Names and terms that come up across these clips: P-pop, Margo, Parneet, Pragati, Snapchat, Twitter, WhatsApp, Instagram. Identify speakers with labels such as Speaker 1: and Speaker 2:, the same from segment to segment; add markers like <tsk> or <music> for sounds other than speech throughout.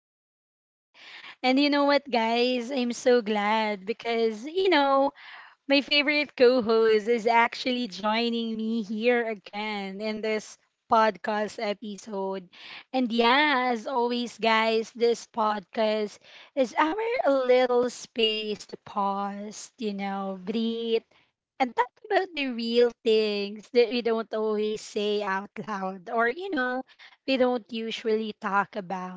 Speaker 1: episode. And you know what, guys? I'm so glad because, my favorite co host is actually joining me here again in this podcast episode. As always, guys, this podcast is our little space to pause, breathe and talk about the real things that we don't always say out loud or you know We don't usually talk about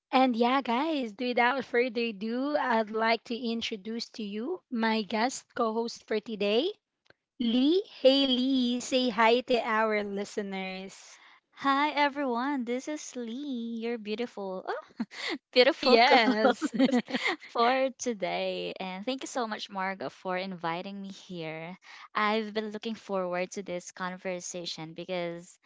Speaker 1: and yeah guys, without further ado, I'd like to introduce to you my guest co-host for today, Lee. Hey Lee, say hi to our listeners.
Speaker 2: Hi everyone, this is Lee, your beautiful, oh, <laughs> beautiful co
Speaker 1: Yes.
Speaker 2: <laughs> for today. And thank you so much, Margo, for inviting me here. I've been looking forward to this conversation because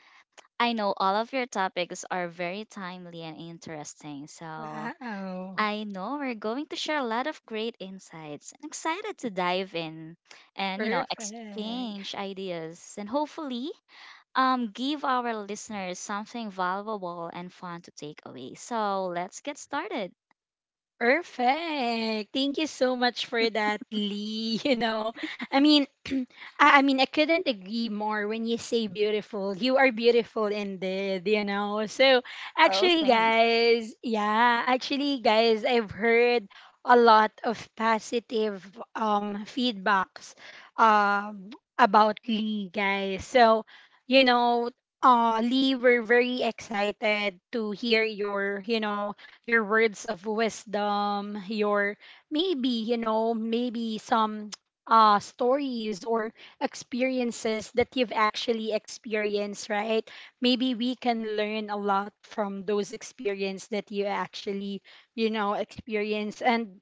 Speaker 2: I know all of your topics are very timely and interesting. So
Speaker 1: Wow.
Speaker 2: I know we're going to share a lot of great insights. I'm excited to dive in and, you know,
Speaker 1: Perfect.
Speaker 2: exchange ideas and hopefully give our listeners something valuable and fun to take away. So let's get started.
Speaker 1: Perfect. Thank you so much for that, Lee. <laughs> You know, I mean, <clears throat> I couldn't agree more when you say beautiful. You are beautiful indeed, you know. So,
Speaker 2: Oh,
Speaker 1: actually,
Speaker 2: thanks.
Speaker 1: guys, I've heard a lot of positive feedbacks um about Lee, guys. So, you know, Lee, we're very excited to hear your, you know, your words of wisdom, your maybe, you know, maybe some <tsk> stories or experiences that you've actually experienced, right? Maybe we can learn a lot from those experiences that you actually, you know, experience. And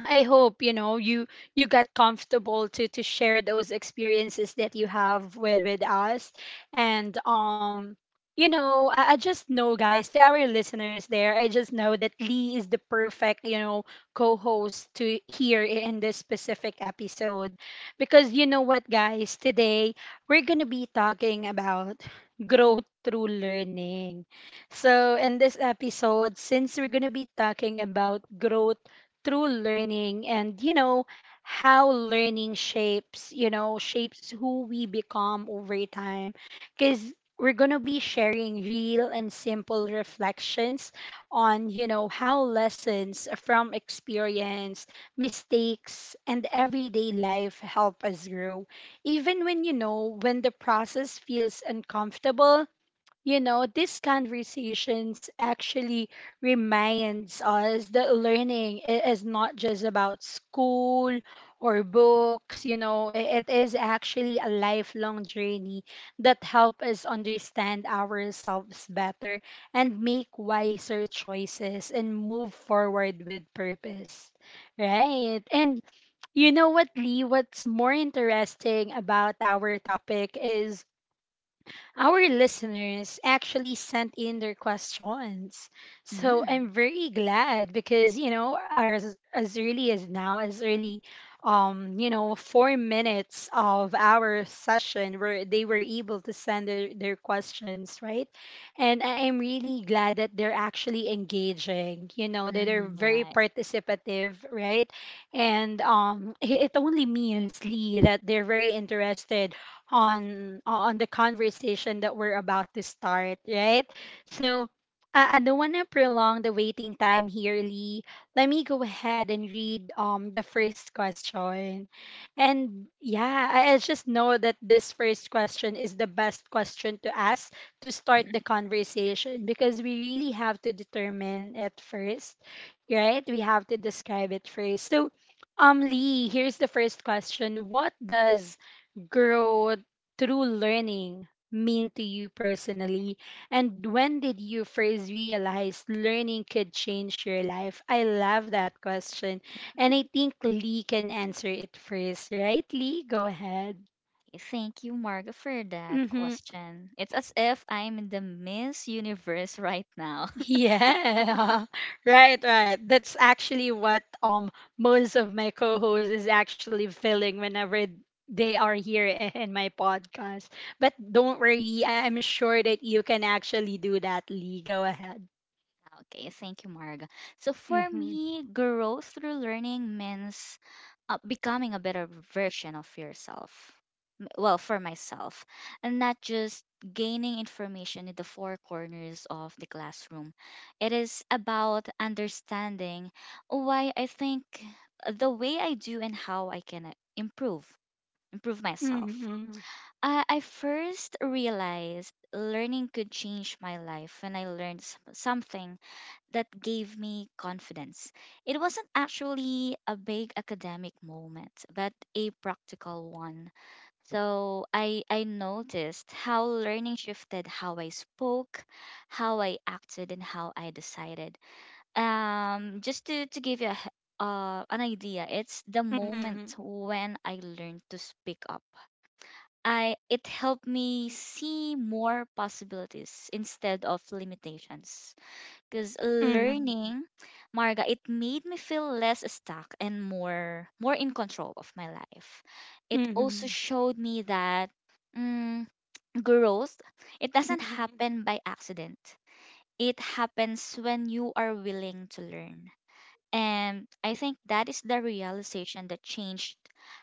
Speaker 1: I hope, you know, you got comfortable to share those experiences that you have with us. And you know, I just know, guys, to our listeners there, I just know that Lee is the perfect, you know, co-host to hear in this specific episode, because you know what, guys, today we're going to be talking about growth through learning. So in this episode, since we're going to be talking about growth through learning and you know how learning shapes, you know, shapes who we become over time, because we're going to be sharing real and simple reflections on, you know, how lessons from experience, mistakes and everyday life help us grow even when, you know, when the process feels uncomfortable. You know, these conversations actually reminds us that learning is not just about school or books. You know, it is actually a lifelong journey that help us understand ourselves better and make wiser choices and move forward with purpose, right? And you know what, Lee, what's more interesting about our topic is our listeners actually sent in their questions. So I'm
Speaker 2: Mm,
Speaker 1: very glad because, you know, as early as now, as early, you know, 4 minutes of our session where they were able to send their questions, right? And I am really glad that they're actually engaging, you know, that they're very
Speaker 2: right.
Speaker 1: participative, right? And it only means, Lee, that they're very interested on the conversation that we're about to start, right? So I don't want to prolong the waiting time here, Lee. Let me go ahead and read the first question. And yeah, I just know that this first question is the best question to ask to start the conversation, because we really have to determine it first, right? We have to describe it first. So, Lee, here's the first question. What does growth true learning mean to you personally? And when did you first realize learning could change your life? I love that question. And I think Lee can answer it first, right? Lee, go ahead.
Speaker 2: Thank you, Marga, for that
Speaker 1: Mm-hmm.
Speaker 2: question. It's as if I'm in the Miss Universe right now.
Speaker 1: Yeah, <laughs> right, right. That's actually what most of my co-hosts is actually feeling whenever they are here <laughs> in my podcast. But don't worry, I'm sure that you can actually do that, Lee. Go ahead.
Speaker 2: Okay, thank you, Marga. So for
Speaker 1: Mhm.
Speaker 2: me, growth through learning means becoming a better version of yourself. Well, for myself, and not just gaining information in the four corners of the classroom. It is about understanding why I think the way I do and how I can improve myself.
Speaker 1: Mhm.
Speaker 2: I first realized learning could change my life when I learned something that gave me confidence. It wasn't actually a big academic moment, but a practical one. So I noticed how learning shifted how I spoke, how I acted, and how I decided. Just to give you a, an idea, it's the moment
Speaker 1: Mhm.
Speaker 2: when I learned to speak up. I it helped me see more possibilities instead of limitations. Because
Speaker 1: Mhm.
Speaker 2: learning, Marga, it made me feel less stuck and more in control of my life. It also
Speaker 1: Mhm.
Speaker 2: showed me that mm, growth, it doesn't
Speaker 1: Mhm.
Speaker 2: happen by accident. It happens when you are willing to learn. And I think that is the realization that changed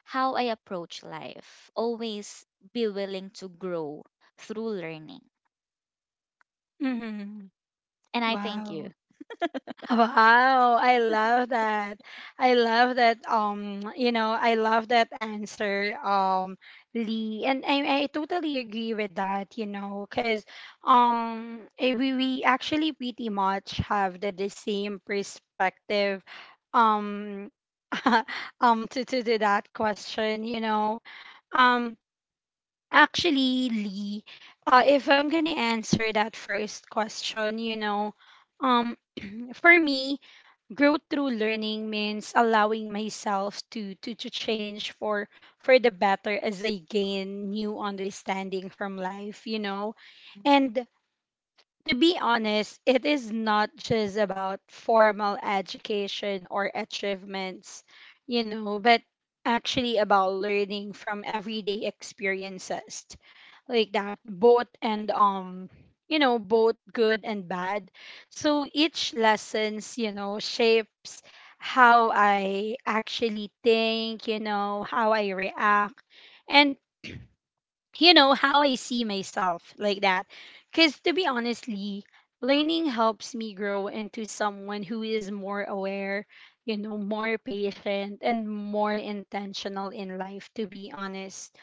Speaker 2: how I approach life. Always be willing to grow through learning.
Speaker 1: Mhm.
Speaker 2: And I thank you.
Speaker 1: Wow. Wow, I love that. I love that, you know, I love that answer, Lee. And I totally agree with that, you know, cuz we actually pretty much have the same perspective, um <laughs> to to that question, you know. Um Actually, Lee, if I'm gonna answer that first question, you know, um, for me, growth through learning means allowing myself to change for the better as I gain new understanding from life, you know. And to be honest, it is not just about formal education or achievements, you know, but actually about learning from everyday experiences like that, both and you know, both good and bad. So each lessons, you know, shapes how I actually think, you know, how I react, and you know, how I see myself, like that. Cuz to be honestly, learning helps me grow into someone who is more aware, you know, more patient and more intentional in life, to be honest.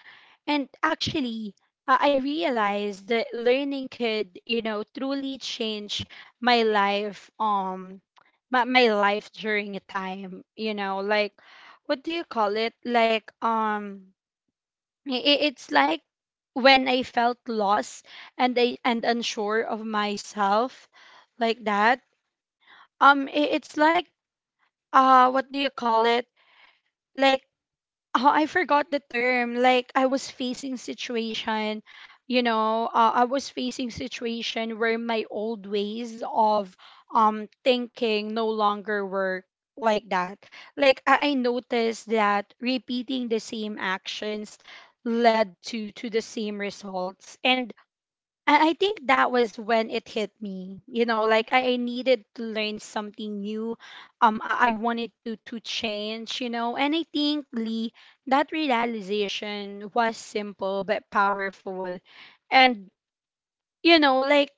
Speaker 1: And actually, I realized that learning could, you know, truly change my life, my life during a time, you know, like, what do you call it? Like, it's like when I felt lost and unsure of myself, like that. I- it's like, what do you call it? Like, oh, I forgot the term. Like I was facing situation, you know, I was facing situation where my old ways of thinking no longer work, like that. Like I noticed that repeating the same actions led to the same results. And I think that was when it hit me. You know, like I needed to learn something new. I wanted to change. You know, and I think Lee, that realization was simple but powerful, and you know, like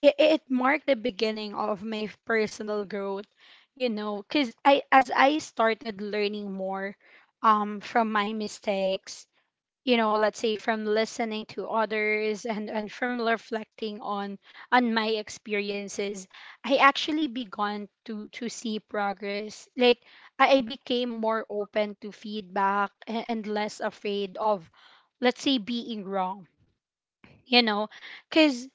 Speaker 1: it marked the beginning of my personal growth. You know, cause I, as I started learning more, from my mistakes, you know, let's say from listening to others, and from reflecting on my experiences, I actually began to see progress. Like I became more open to feedback, and less afraid of, let's say, being wrong, you know, because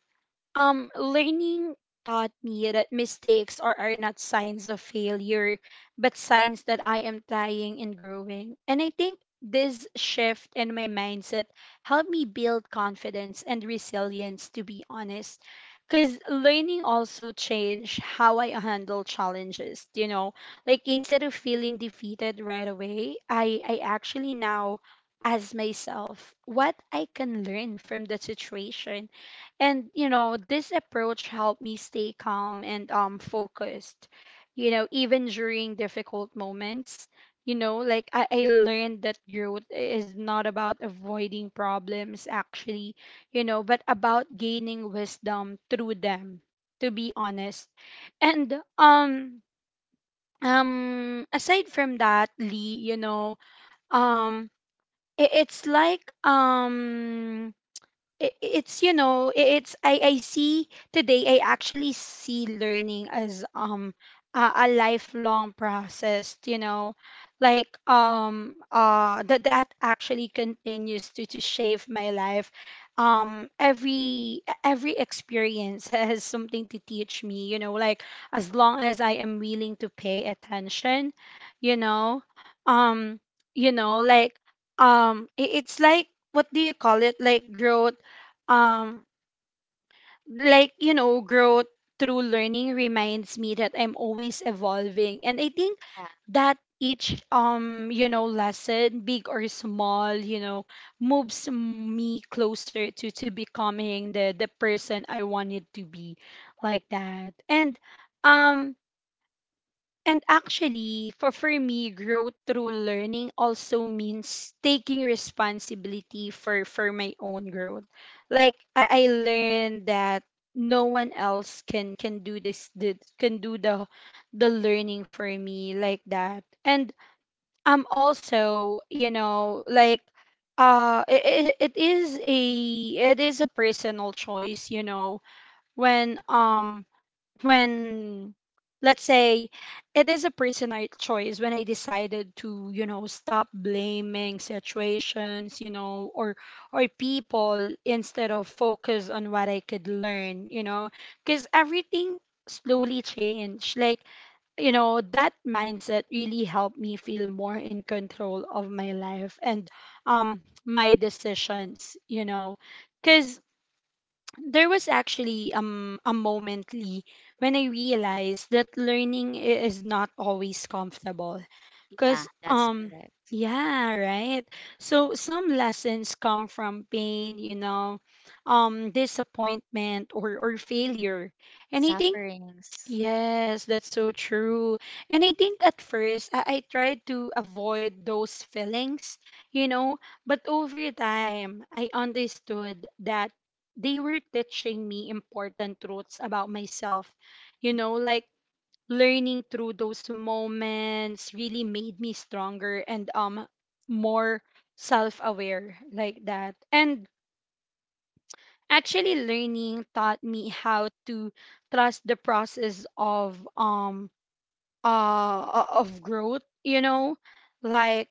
Speaker 1: learning taught me that mistakes are not signs of failure, but signs that I am trying and growing. And I think this shift in my mindset helped me build confidence and resilience, to be honest. Because learning also changed how I handle challenges, you know. Like instead of feeling defeated right away, I actually now ask myself what I can learn from the situation. And you know, this approach helped me stay calm and focused. You know, even during difficult moments, you know, like I learned that growth is not about avoiding problems actually, you know, but about gaining wisdom through them, to be honest. And aside from that, Lee, you know, um I- it's like I- it's you know I- it's I see today, I actually see learning as a lifelong process, you know, like that actually continues to shape my life. Every experience <laughs> has something to teach me, you know, like as long as I am willing to pay attention, you know. Um you know like I- it's like What do you call it, like growth, um like, you know, growth through learning reminds me that I'm always evolving. And I think
Speaker 2: Yeah,
Speaker 1: that each, you know, lesson, big or small, you know, moves me closer to becoming the person I wanted to be, like that. Um and actually, for me, growth through learning also means taking responsibility for my own growth. Like I learned that no one else can do this, can do the learning for me, like that. And I'm also, you know, like it is a personal choice, you know, when um when let's say it is a personal choice when I decided to, you know, stop blaming situations, you know, or people, instead of focus on what I could learn, you know, because everything slowly changed. Like, you know, that mindset really helped me feel more in control of my life and my decisions, you know, because there was actually a moment, Lee, when I realized that learning is not always comfortable.
Speaker 2: yeah,
Speaker 1: Cause
Speaker 2: that's correct.
Speaker 1: yeah, right. So some lessons come from pain, you know, disappointment or failure. And I think,
Speaker 2: Sufferings
Speaker 1: yes, that's so true. And I think at first I tried to avoid those feelings, you know, but over time I understood that they were teaching me important truths about myself, you know. Like learning through those moments really made me stronger and more self-aware, like that. And actually learning taught me how to trust the process of of growth,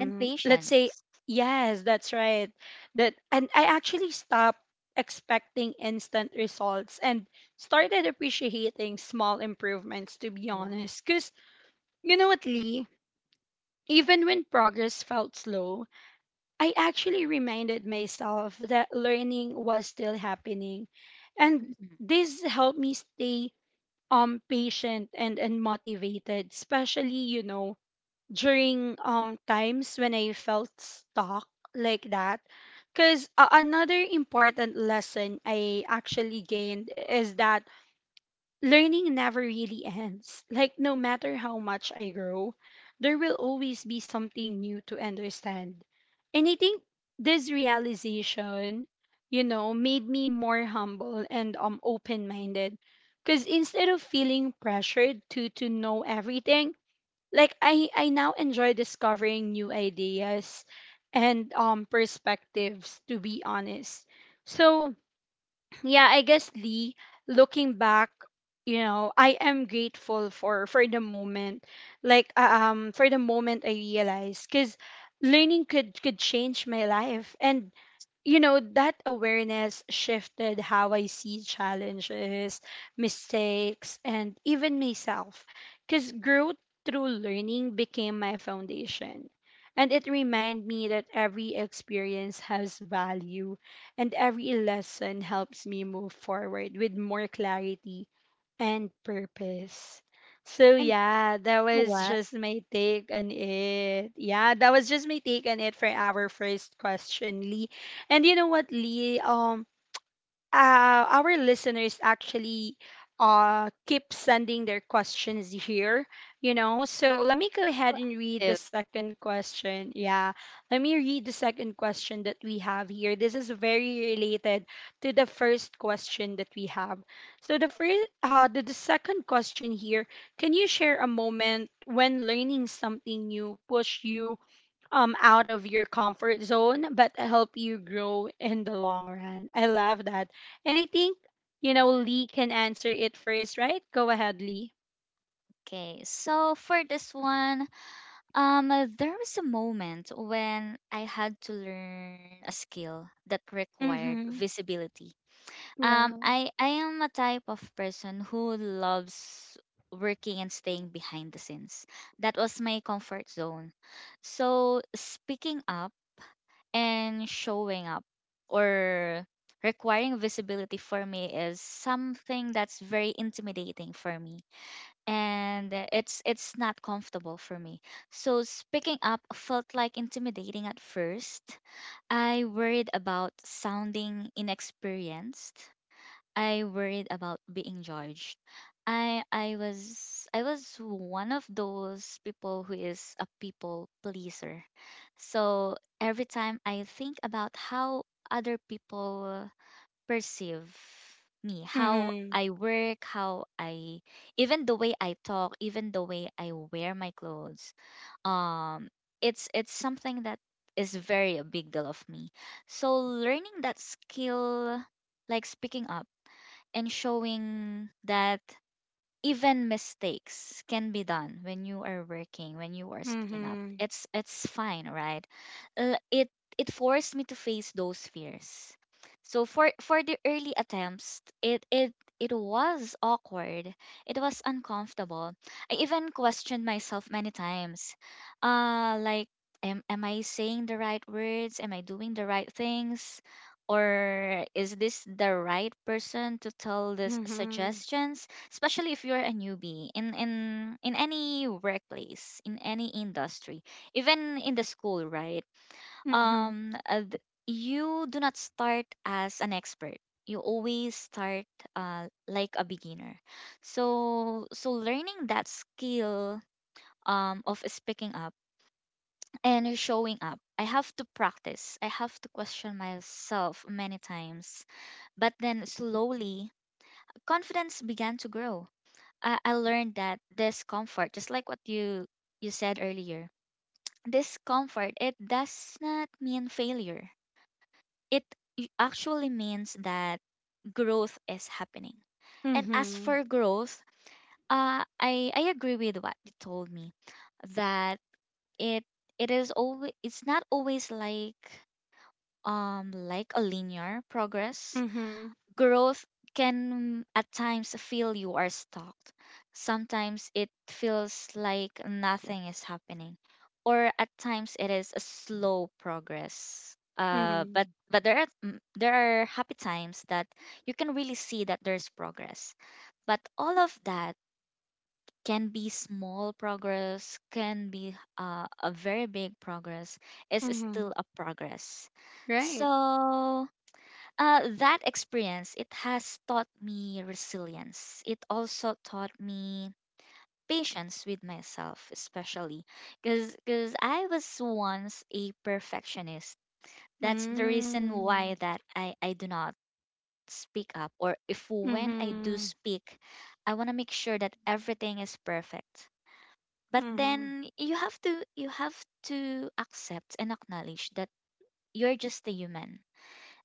Speaker 2: and
Speaker 1: let's say,
Speaker 2: patience.
Speaker 1: yes, that's right. That and I actually stopped expecting instant results and started appreciating small improvements, to be
Speaker 2: Yeah.
Speaker 1: honest, because you know what, Lee, even when progress felt slow, I actually reminded myself that learning was still happening. And
Speaker 2: Hmm.
Speaker 1: this helped me stay patient and motivated, especially, you know, during times when I felt stuck like that. Because another important lesson I actually gained is that learning never really ends. Like, no matter how much I grow, there will always be something new to understand. And I think this realization, you know, made me more humble and open minded. Because instead of feeling pressured to know everything, like I now enjoy discovering new ideas and perspectives, to be honest. So, <clears throat> yeah, I guess Lee, looking back, you know, I am grateful for the moment. Like for the moment I realized cuz learning could change my life. And you know that awareness shifted how I see challenges, mistakes, and even myself, because growth through learning became my foundation, and it reminded me that every experience has value and every lesson helps me move forward with more clarity and purpose. So
Speaker 2: And
Speaker 1: yeah, that
Speaker 2: you know
Speaker 1: was
Speaker 2: what?
Speaker 1: just my take on it. Yeah, that was just my take on it for our first question, Lee. And you know what, Lee? Our listeners actually keep sending their questions here, you know. So let me go ahead and read
Speaker 2: If-
Speaker 1: the second question. Yeah, let me read the second question that we have here. This is very related to the first question that we have. So the first, the second question here. Can you share a moment when learning something new pushed you out of your comfort zone but help you grow in the long run? I love that. And I think, you know, Lee can answer it first, right? Go ahead, Lee.
Speaker 2: okay, so for this one, um, there was a moment when I had to learn a skill that required
Speaker 1: Mhm.
Speaker 2: visibility.
Speaker 1: Well.
Speaker 2: I am a type of person who loves working and staying behind the scenes. That was my comfort zone. So speaking up and showing up or requiring visibility for me is something that's very intimidating for me and it's not comfortable for me. So speaking up felt like intimidating at first. I worried about sounding inexperienced. I worried about being judged. I was one of those people who is a people pleaser. So every time I think about how other people perceive me, how
Speaker 1: Mhm.
Speaker 2: I work, how I even the way I talk, even the way I wear my clothes, um it's something that is very a big deal of me. So learning that skill like speaking up and showing that even mistakes can be done when you are working when you are speaking up
Speaker 1: Mhm.
Speaker 2: it's fine, right? It it forced me to face those fears. So for the early attempts it it was awkward, it was uncomfortable. I even questioned myself many times, uh, like am I saying the right words, am I doing the right things, or is this the right person to tell this
Speaker 1: Mhm.
Speaker 2: suggestions, especially if you're a newbie in in any workplace in any industry, even in the school, right?
Speaker 1: Mhm.
Speaker 2: um uh, th- you do not start as an expert, you always start, like a beginner. So so learning that skill, of speaking up and showing up, I have to practice, I have to question myself many times. But then slowly confidence began to grow. I learned that discomfort, just like what you said earlier, discomfort it does not mean failure. It actually means that growth is happening. And as
Speaker 1: Mhm.
Speaker 2: for growth, I agree with what you told me that it it is always it's not always like a linear progress.
Speaker 1: Mhm.
Speaker 2: Growth can at times feel you are stuck. Sometimes it feels like nothing is happening, or at times it is a slow progress.
Speaker 1: Mhm.
Speaker 2: But there are there are happy times that you can really see that there's progress. But all of that can be small progress, can be, a very big progress. Is still
Speaker 1: Mhm.
Speaker 2: a progress.
Speaker 1: Right.
Speaker 2: So that experience, it has taught me resilience. It also taught me patience with myself, especially because I was once a perfectionist. That's the reason why
Speaker 1: Mm.
Speaker 2: that I do not speak up or if when I do
Speaker 1: Mhm.
Speaker 2: speak, I want to make sure that everything is perfect. But
Speaker 1: Mhm.
Speaker 2: then you have to accept and acknowledge that you're just a human,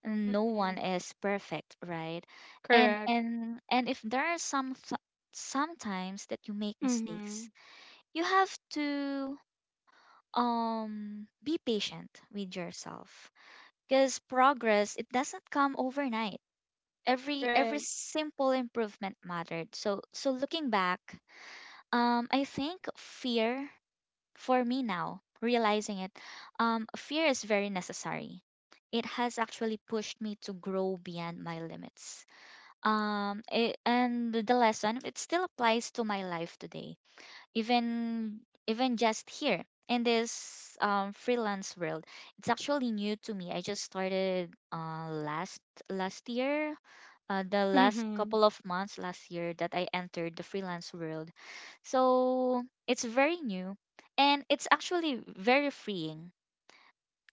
Speaker 2: no one
Speaker 1: Mhm.
Speaker 2: is perfect, right? and
Speaker 1: Correct.
Speaker 2: and and if there are some sometimes that you make mistakes,
Speaker 1: Mhm.
Speaker 2: you have to, um, be patient with yourself because progress it doesn't come overnight. Every
Speaker 1: Right.
Speaker 2: simple improvement mattered. So so looking back, um, I think fear, for me now realizing it, um, fear is very necessary. It has actually pushed me to grow beyond my limits. Um, it, and the lesson it still applies to my life today, even even just here in this, freelance world. It's actually new to me. I just started, last year, the last
Speaker 1: Mhm.
Speaker 2: couple of months last year that I entered the freelance world. So it's very new, and it's actually very freeing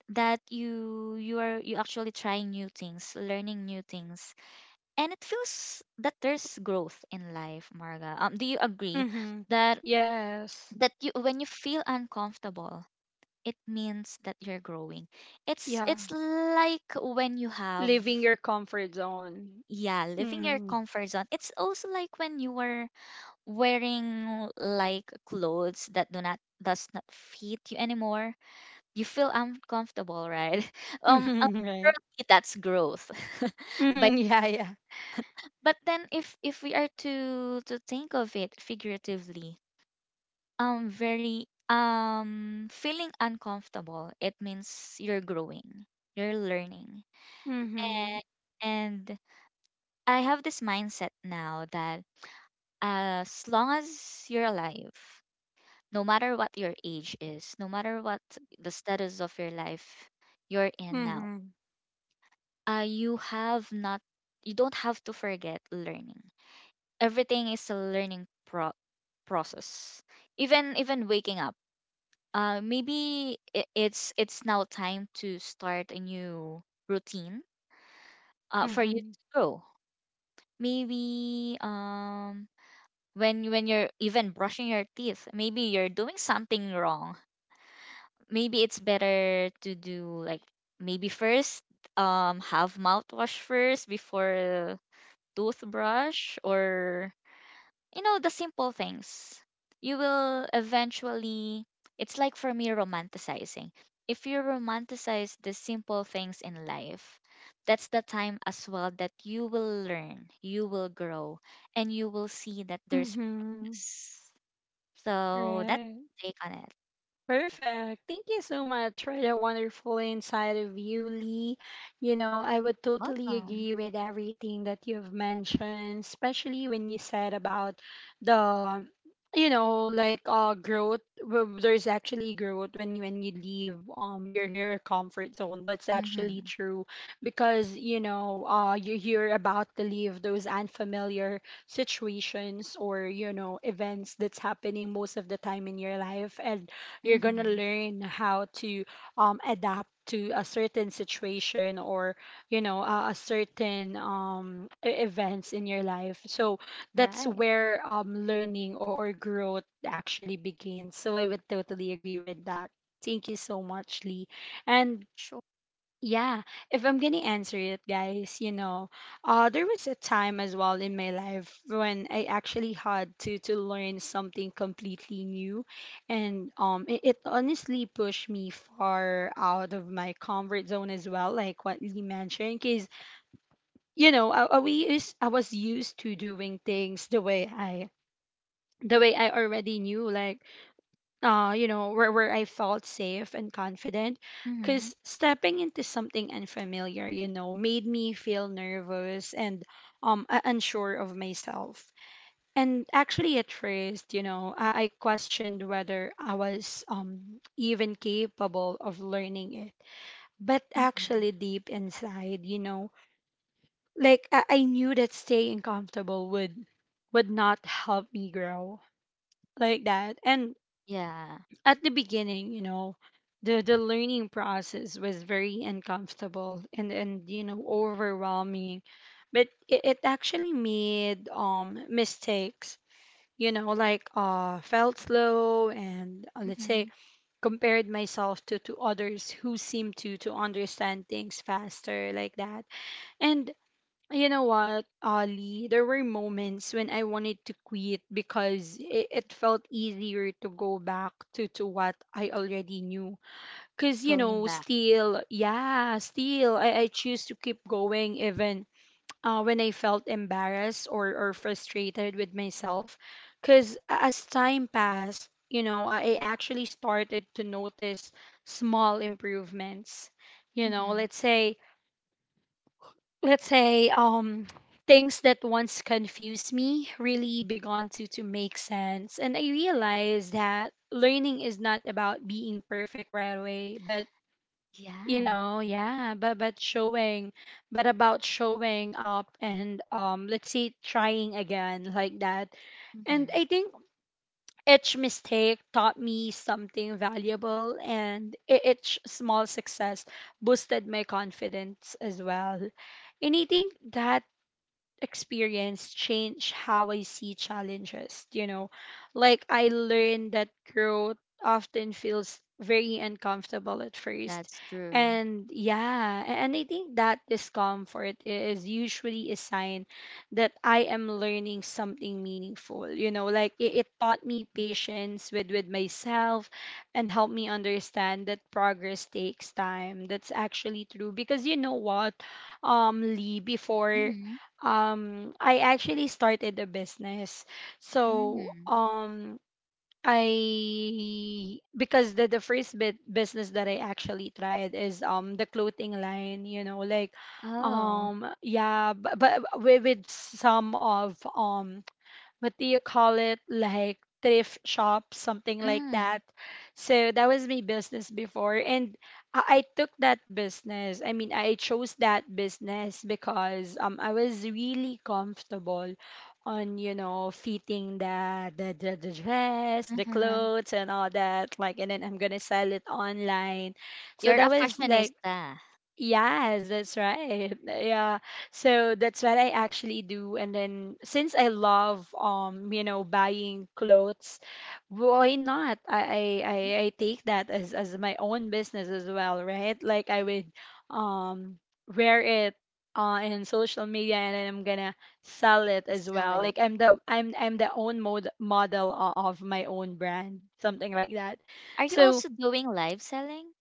Speaker 2: that you are you actually trying new things, learning new things, and it feels that there's growth in life, Marga. Um, do you agree
Speaker 1: Mhm.
Speaker 2: that
Speaker 1: Yes.
Speaker 2: you when you feel uncomfortable it means that you're growing. it's
Speaker 1: Yeah.
Speaker 2: it's like when you have
Speaker 1: Leaving your comfort zone.
Speaker 2: yeah living your
Speaker 1: Hmm.
Speaker 2: comfort zone. It's also like when you were wearing like clothes that do not does not fit you anymore, you feel uncomfortable, right? <laughs> um um, for
Speaker 1: <laughs> Right.
Speaker 2: me, that's growth. <laughs>
Speaker 1: Mhm, yeah, yeah.
Speaker 2: But then if we are to think of it figuratively, very feeling uncomfortable it means you're growing, you're learning.
Speaker 1: Mm-hmm.
Speaker 2: And and I have this mindset now that as long as you're alive, no matter what your age is, no matter what the status of your life you're in now,
Speaker 1: Mm-hmm.
Speaker 2: you have not you don't have to forget learning. Everything is a learning process. Even waking up, uh, maybe it's now time to start a new routine, uh, for you to
Speaker 1: Mm-hmm.
Speaker 2: grow. Maybe, um, when you're even brushing your teeth maybe you're doing something wrong. Maybe it's better to do like maybe first, um, have mouthwash first before toothbrush, or, you know, the simple things. You will eventually, it's like for me, romanticizing. If you romanticize the simple things in life, that's the time as well that you will learn, you will grow, and you will see that there's
Speaker 1: Mm-hmm.
Speaker 2: peace. So that's
Speaker 1: Right.
Speaker 2: my take on it.
Speaker 1: Perfect. Thank you so much for that wonderful insight of you, Lee. You know, I would totally
Speaker 2: Welcome.
Speaker 1: agree with everything that you've mentioned, especially when you said about the, you know, like growth. There's actually growth when you leave your comfort zone. That's actually
Speaker 2: Mm-hmm.
Speaker 1: true because you know you you're about to leave those unfamiliar situations or, you know, events that's happening most of the time in your life, and you're gonna
Speaker 2: Mm-hmm.
Speaker 1: learn how to adapt to a certain situation or, you know, a certain events in your life. So that's
Speaker 2: Right.
Speaker 1: where learning or growth actually begins, so I would totally agree with that. Thank you so much, Lee. And
Speaker 2: Sure.
Speaker 1: yeah, if I'm gonna answer it, guys, you know, there was a time as well in my life when I actually had to learn something completely new, and it, it honestly pushed me far out of my comfort zone as well, like what Lee mentioned, because you know, I was used to doing things the way I already knew, like you know, where I felt safe and confident.
Speaker 2: Mm-hmm.
Speaker 1: Because stepping into something unfamiliar, you know, made me feel nervous and unsure of myself. And actually, at first, you know, I questioned whether I was even capable of learning it. But
Speaker 2: Mm-hmm.
Speaker 1: actually, deep inside, you know, like I knew that staying comfortable would not help me grow like that. And
Speaker 2: Yeah.
Speaker 1: at the beginning, you know, the learning process was very uncomfortable and you know overwhelming, but it actually made mistakes. You know, like felt slow and let's
Speaker 2: Mm-hmm.
Speaker 1: say, compared myself to others who seem to understand things faster like that. And you know what, Ollie? There were moments when I wanted to quit because it felt easier to go back to what I already knew. Because, you
Speaker 2: Going
Speaker 1: know,
Speaker 2: back.
Speaker 1: still, yeah, still, I choose to keep going, even when I felt embarrassed or frustrated with myself. Because as time passed, you know, I actually started to notice small improvements. You know,
Speaker 2: Mm-hmm.
Speaker 1: let's say, things that once confused me really began to make sense, and I realized that learning is not about being perfect right away, but you
Speaker 2: Yeah.
Speaker 1: know yeah but showing but about showing up and, let's say, trying again like that. And
Speaker 2: Mm-hmm.
Speaker 1: I think each mistake taught me something valuable, and each small success boosted my confidence as well. And I think that experience changed how I see challenges, you know. Like I learned that growth often feels very uncomfortable at first.
Speaker 2: That's true.
Speaker 1: And yeah, and I think that discomfort is usually a sign that I am learning something meaningful. You know, like it taught me patience with myself and helped me understand that progress takes time. That's actually true because you know what, Lee, before
Speaker 2: Mhm,
Speaker 1: I actually started a business. So
Speaker 2: mm.
Speaker 1: I because the first bit business that I actually tried is the clothing line, you know, like
Speaker 2: Oh.
Speaker 1: yeah, but with some of what do you call it, like thrift shop, something like
Speaker 2: Mm,
Speaker 1: that. So that was my business before, and I took that business, I mean, I chose that business because I was really comfortable on, you know, fitting the dress, the
Speaker 2: uh-huh.
Speaker 1: clothes, and all that, like, and then I'm gonna sell it online. So
Speaker 2: You're a
Speaker 1: that was like,
Speaker 2: fashionista.
Speaker 1: yes, that's right. Yeah. So that's what I actually do. And then since I love, you know, buying clothes, why not? I take that as my own business as well, right? Like I would um wear it in social media and then I'm gonna sell it as
Speaker 2: Sell
Speaker 1: well.
Speaker 2: it.
Speaker 1: Like I'm the own model of my own brand, something like that.
Speaker 2: Are you
Speaker 1: So
Speaker 2: also doing live selling?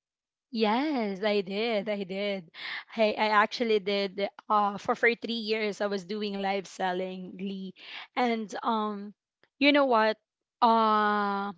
Speaker 1: yes, I did. I did. I actually did, uh, for 3 years I was doing live selling, Lee. And you know what? Uh,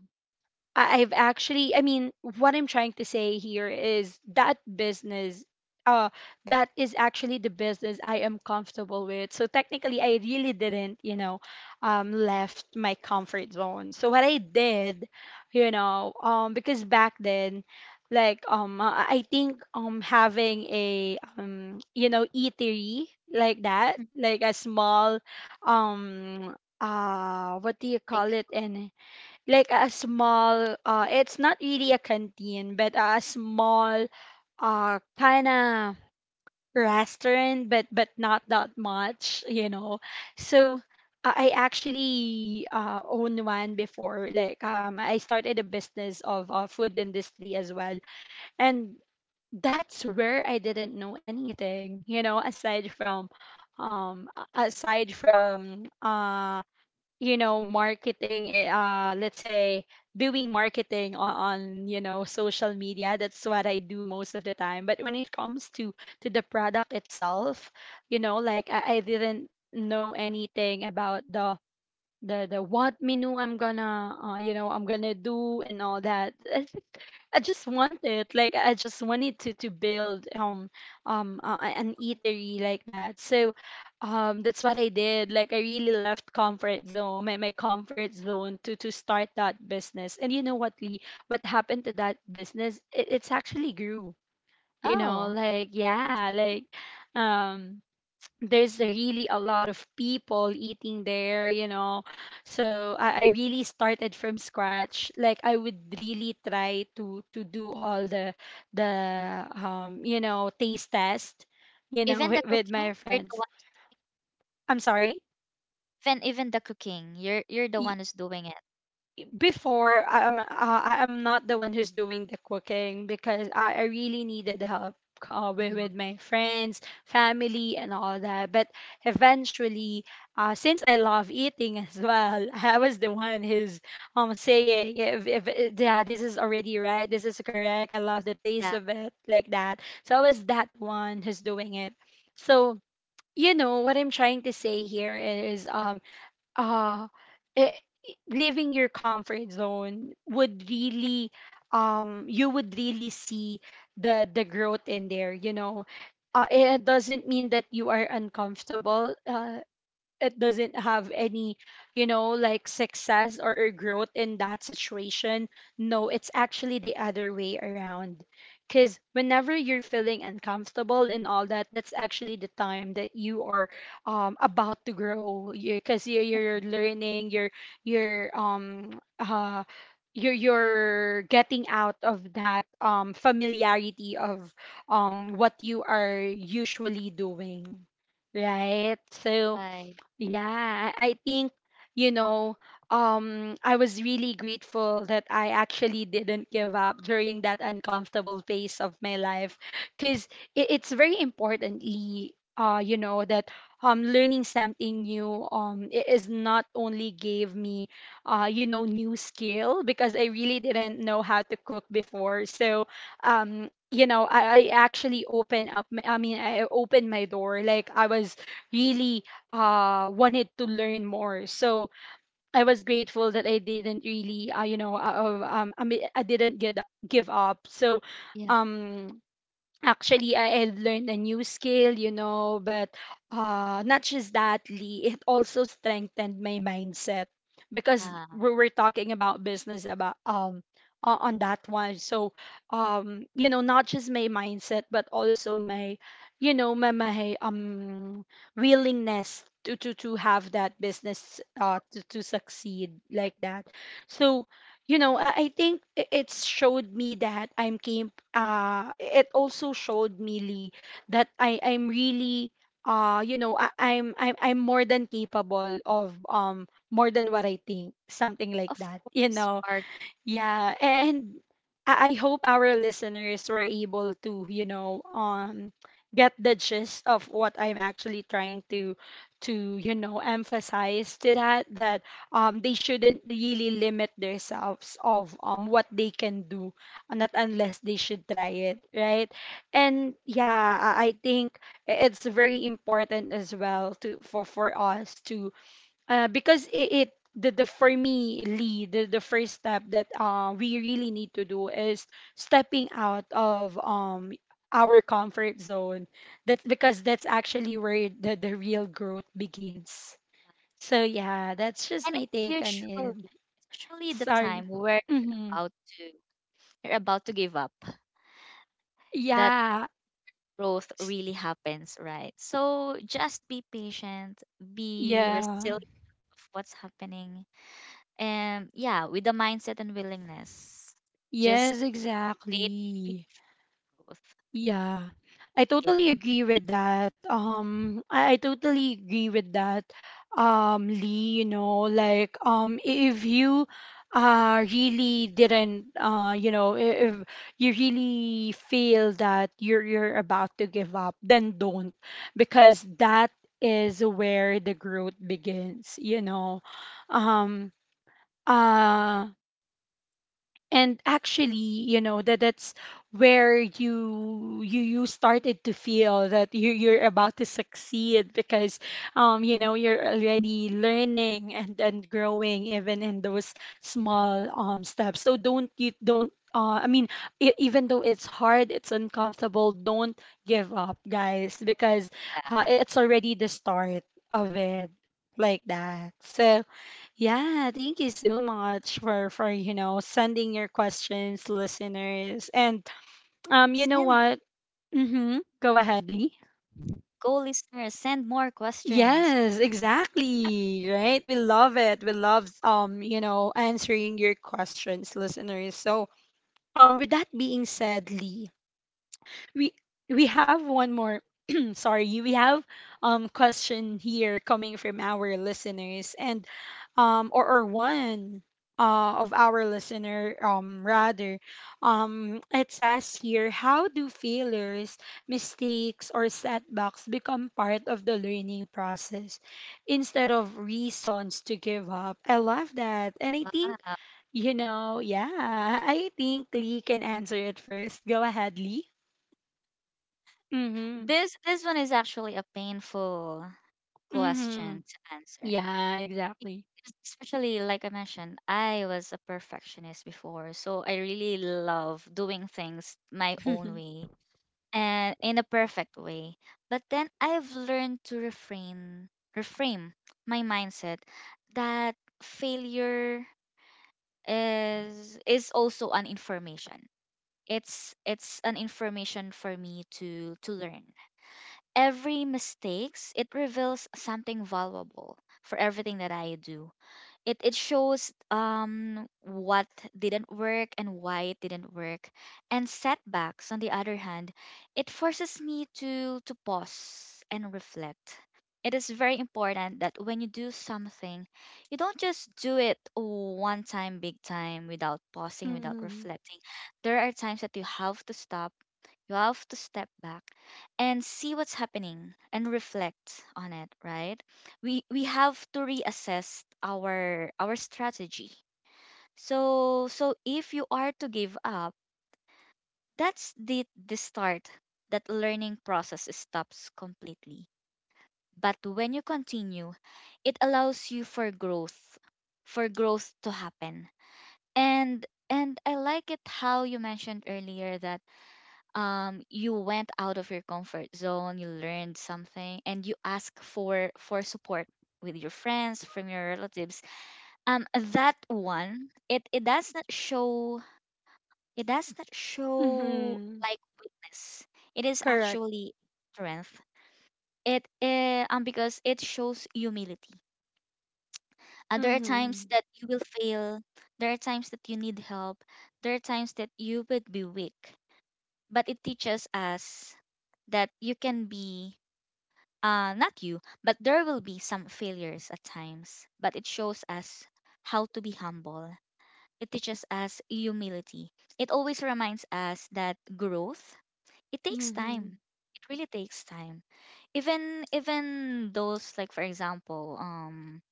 Speaker 1: I've actually, I mean, what I'm trying to say here is that business, uh, that is actually the business I am comfortable with. So technically, I really didn't, you know, left my comfort zone. So what I did, you know, because back then, like, I think, having a, you know, eatery like that,
Speaker 2: Mhm.
Speaker 1: like a small, um, what do you
Speaker 2: Like,
Speaker 1: call it? And like a small it's not really a canteen but a small kind of restaurant, but not that much, you know. So I actually owned one before, like I started a business of, food industry as well. And that's where I didn't know anything, you know, aside from aside from you know, marketing, let's say, doing marketing on, you know, social media. That's what I do most of the time, but when it comes to the product itself, you know, like I didn't know anything about the what menu I'm gonna you know, I'm gonna do and all that. I just want it, like I just wanted to build an eatery like that. So that's what I did. Like I really left comfort zone, my comfort zone, to start that business. And you know what Lee, what happened to that business? It, it's actually grew. You know,
Speaker 2: oh,
Speaker 1: like yeah, like um there's really a lot of people eating there, you know. So I really started from scratch. Like I would really try to do all the you know, taste test, you know, <laughs>
Speaker 2: even the
Speaker 1: with
Speaker 2: cooking,
Speaker 1: my
Speaker 2: you're the
Speaker 1: friends.
Speaker 2: one who's doing
Speaker 1: I'm sorry.
Speaker 2: even even the cooking, you're the one who's doing it.
Speaker 1: Before I'm I'm not the one who's doing the cooking because I really needed help, with
Speaker 2: Mhm.
Speaker 1: my friends, family, and all that. But eventually, since I love eating as well, <laughs> I was the one who's saying, yeah, if, yeah, this is already right, this is correct. I love the taste
Speaker 2: Yeah,
Speaker 1: of it like that. So I was that one who's doing it. So you know what I'm trying to say here is, uh leaving your comfort zone would really... you would really see the growth in there, you know. It doesn't mean that you are uncomfortable. It doesn't have any, you know, like, success or growth in that situation. No, it's actually the other way around, because whenever you're feeling uncomfortable and all that, that's actually the time that you are, about to grow, because 'cause you're learning, you're um uh you're getting out of that familiarity of what you are usually doing, right? So
Speaker 2: right.
Speaker 1: yeah, I think, you know, I was really grateful that I actually didn't give up during that uncomfortable phase of my life, because it's very importantly, that, learning something new, it is not only gave me, new skill, because I really didn't know how to cook before. So You know, I actually opened up. I opened my door. Like, I was really wanted to learn more. So I was grateful that I didn't really, I mean, I didn't get give up. So
Speaker 2: Yeah,
Speaker 1: um actually, I had learned a new skill, you know, but not just that, Lee, it also strengthened my mindset, because we were talking about business, about on that one. So you know, not just my mindset, but also my, you know, my willingness to have that business, to succeed, like that. So you know, I think it showed me that I'm came. It also showed me, Lee, that I'm really, I, I'm more than capable of, more than what I think, something like
Speaker 2: of
Speaker 1: that, you
Speaker 2: course
Speaker 1: know.
Speaker 2: you are. Good.
Speaker 1: Yeah, and I hope our listeners were able to, you know, get the gist of what I'm actually trying to, you know, emphasize, to that, that they shouldn't really limit themselves of what they can do. Not unless they should try it, right? And yeah, I think it's very important as well, to for us to, because it the for me, Lee, the first step that, we really need to do is stepping out of our comfort zone. That's Because that's actually where the real growth begins. So yeah, that's just
Speaker 2: And
Speaker 1: my take on it.
Speaker 2: it's usually the
Speaker 1: Sorry.
Speaker 2: time where you're
Speaker 1: Mm-hmm.
Speaker 2: about to give up. That.
Speaker 1: Yeah.
Speaker 2: Growth
Speaker 1: S-
Speaker 2: really happens, right? So just be patient, be
Speaker 1: yeah.
Speaker 2: resilient of what's happening. And yeah, with the mindset and willingness, just
Speaker 1: Yes,
Speaker 2: wait for
Speaker 1: exactly.
Speaker 2: growth.
Speaker 1: Yeah, I
Speaker 2: Give
Speaker 1: totally agree with that. I totally agree with that. Lee, you know, like, if you, really didn't, if you really feel that you're about to give up, then don't, because that is where the growth begins, you know. um uh and actually, you know, that's where you started to feel that you're about to succeed, because you know, you're already learning, and growing, even in those small, steps. So don't... you don't I mean, even though it's hard, it's uncomfortable, don't give up, guys, because,
Speaker 2: yeah.
Speaker 1: it's already the start of it, like that. So, yeah, thank you so much for you know, sending your questions, listeners. And you know
Speaker 2: Send
Speaker 1: what? Mm-hmm. Go ahead, Lee.
Speaker 2: go listeners, send more questions.
Speaker 1: Yes, exactly. Right? We love it. We love, you know, answering your questions, listeners. So, with that being said, Lee, we have one more... <clears throat> Sorry, we have question here coming from our listeners, and or one, of our listener, rather. It says here, how do failures, mistakes, or setbacks become part of the learning process instead of reasons to give up? I love that, and I think,
Speaker 2: Wow.
Speaker 1: you know, yeah, I think Lee can answer it first. Go ahead, Lee. Mm-hmm.
Speaker 2: This one is actually a painful
Speaker 1: Mm-hmm.
Speaker 2: question to answer.
Speaker 1: Yeah, exactly.
Speaker 2: Especially like I mentioned, I was a perfectionist before, so I really love doing things my own
Speaker 1: <laughs>
Speaker 2: way and in a perfect way. But then I've learned to refrain, reframe my mindset that failure is also an information. It's an information for me to learn. Every mistakes it reveals something valuable for everything that I do, it shows what didn't work and why it didn't work. And setbacks on the other hand, it forces me to pause and reflect. It is very important that when you do something, you don't just do it one time big time without pausing, without
Speaker 1: Mm-hmm.
Speaker 2: reflecting. There are times that you have to stop, you have to step back and see what's happening and reflect on it, right? We have to reassess our strategy. So if you are to give up, that's the start, that learning process stops completely. But when you continue, it allows you for growth, for growth to happen. And I like it how you mentioned earlier that you went out of your comfort zone, you learned something and you ask for support with your friends, from your relatives. um that one, it does not show, it does not show
Speaker 1: Mm-hmm.
Speaker 2: like weakness. It is
Speaker 1: Correct.
Speaker 2: actually strength. It because it shows humility. And there are times
Speaker 1: Mm-hmm.
Speaker 2: that you will fail, there are times that you need help, there are times that you would be weak. But it teaches us that you can be, uh, not you, but there will be some failures at times, but it shows us how to be humble. It teaches us humility. It always reminds us that growth, it takes
Speaker 1: Mm-hmm.
Speaker 2: time. It really takes time. Even those, like for example,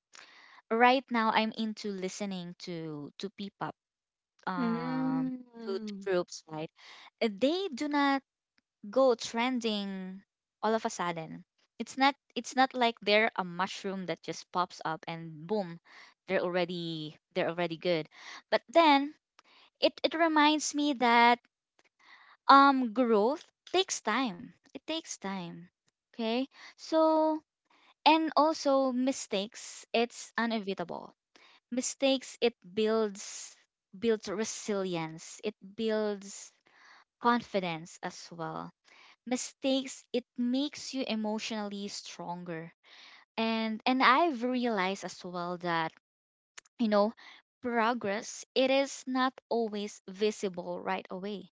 Speaker 2: right now I'm into listening to P-pop, um to
Speaker 1: Mm-hmm.
Speaker 2: groups, right? They do not go trending all of a sudden. It's not, it's not like they're a mushroom that just pops up and boom, they're already, they're already good. But then it reminds me that growth takes time. It takes time. Okay? So, and also mistakes, it's unavoidable. Mistakes, it builds, builds resilience. It builds confidence as well. Mistakes, it makes you emotionally stronger. And I've realized as well that you know progress, it is not always visible right away.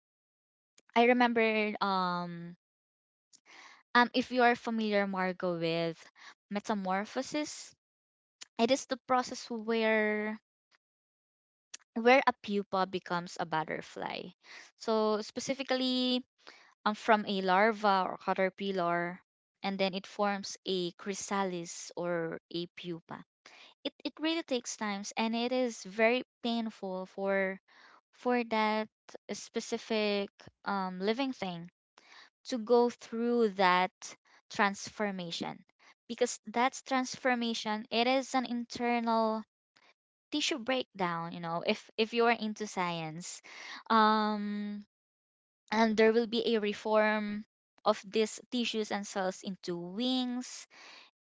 Speaker 2: I remember if you are familiar, Margo, with metamorphosis, it is the process where a pupa becomes a butterfly. So specifically, from a larva or caterpillar, and then it forms a chrysalis or a pupa. It really takes times, and it is very painful for that specific living thing to go through that transformation, because that's transformation, it is an internal tissue breakdown, you know, if you are into science. um and there will be a reform of these tissues and cells into wings,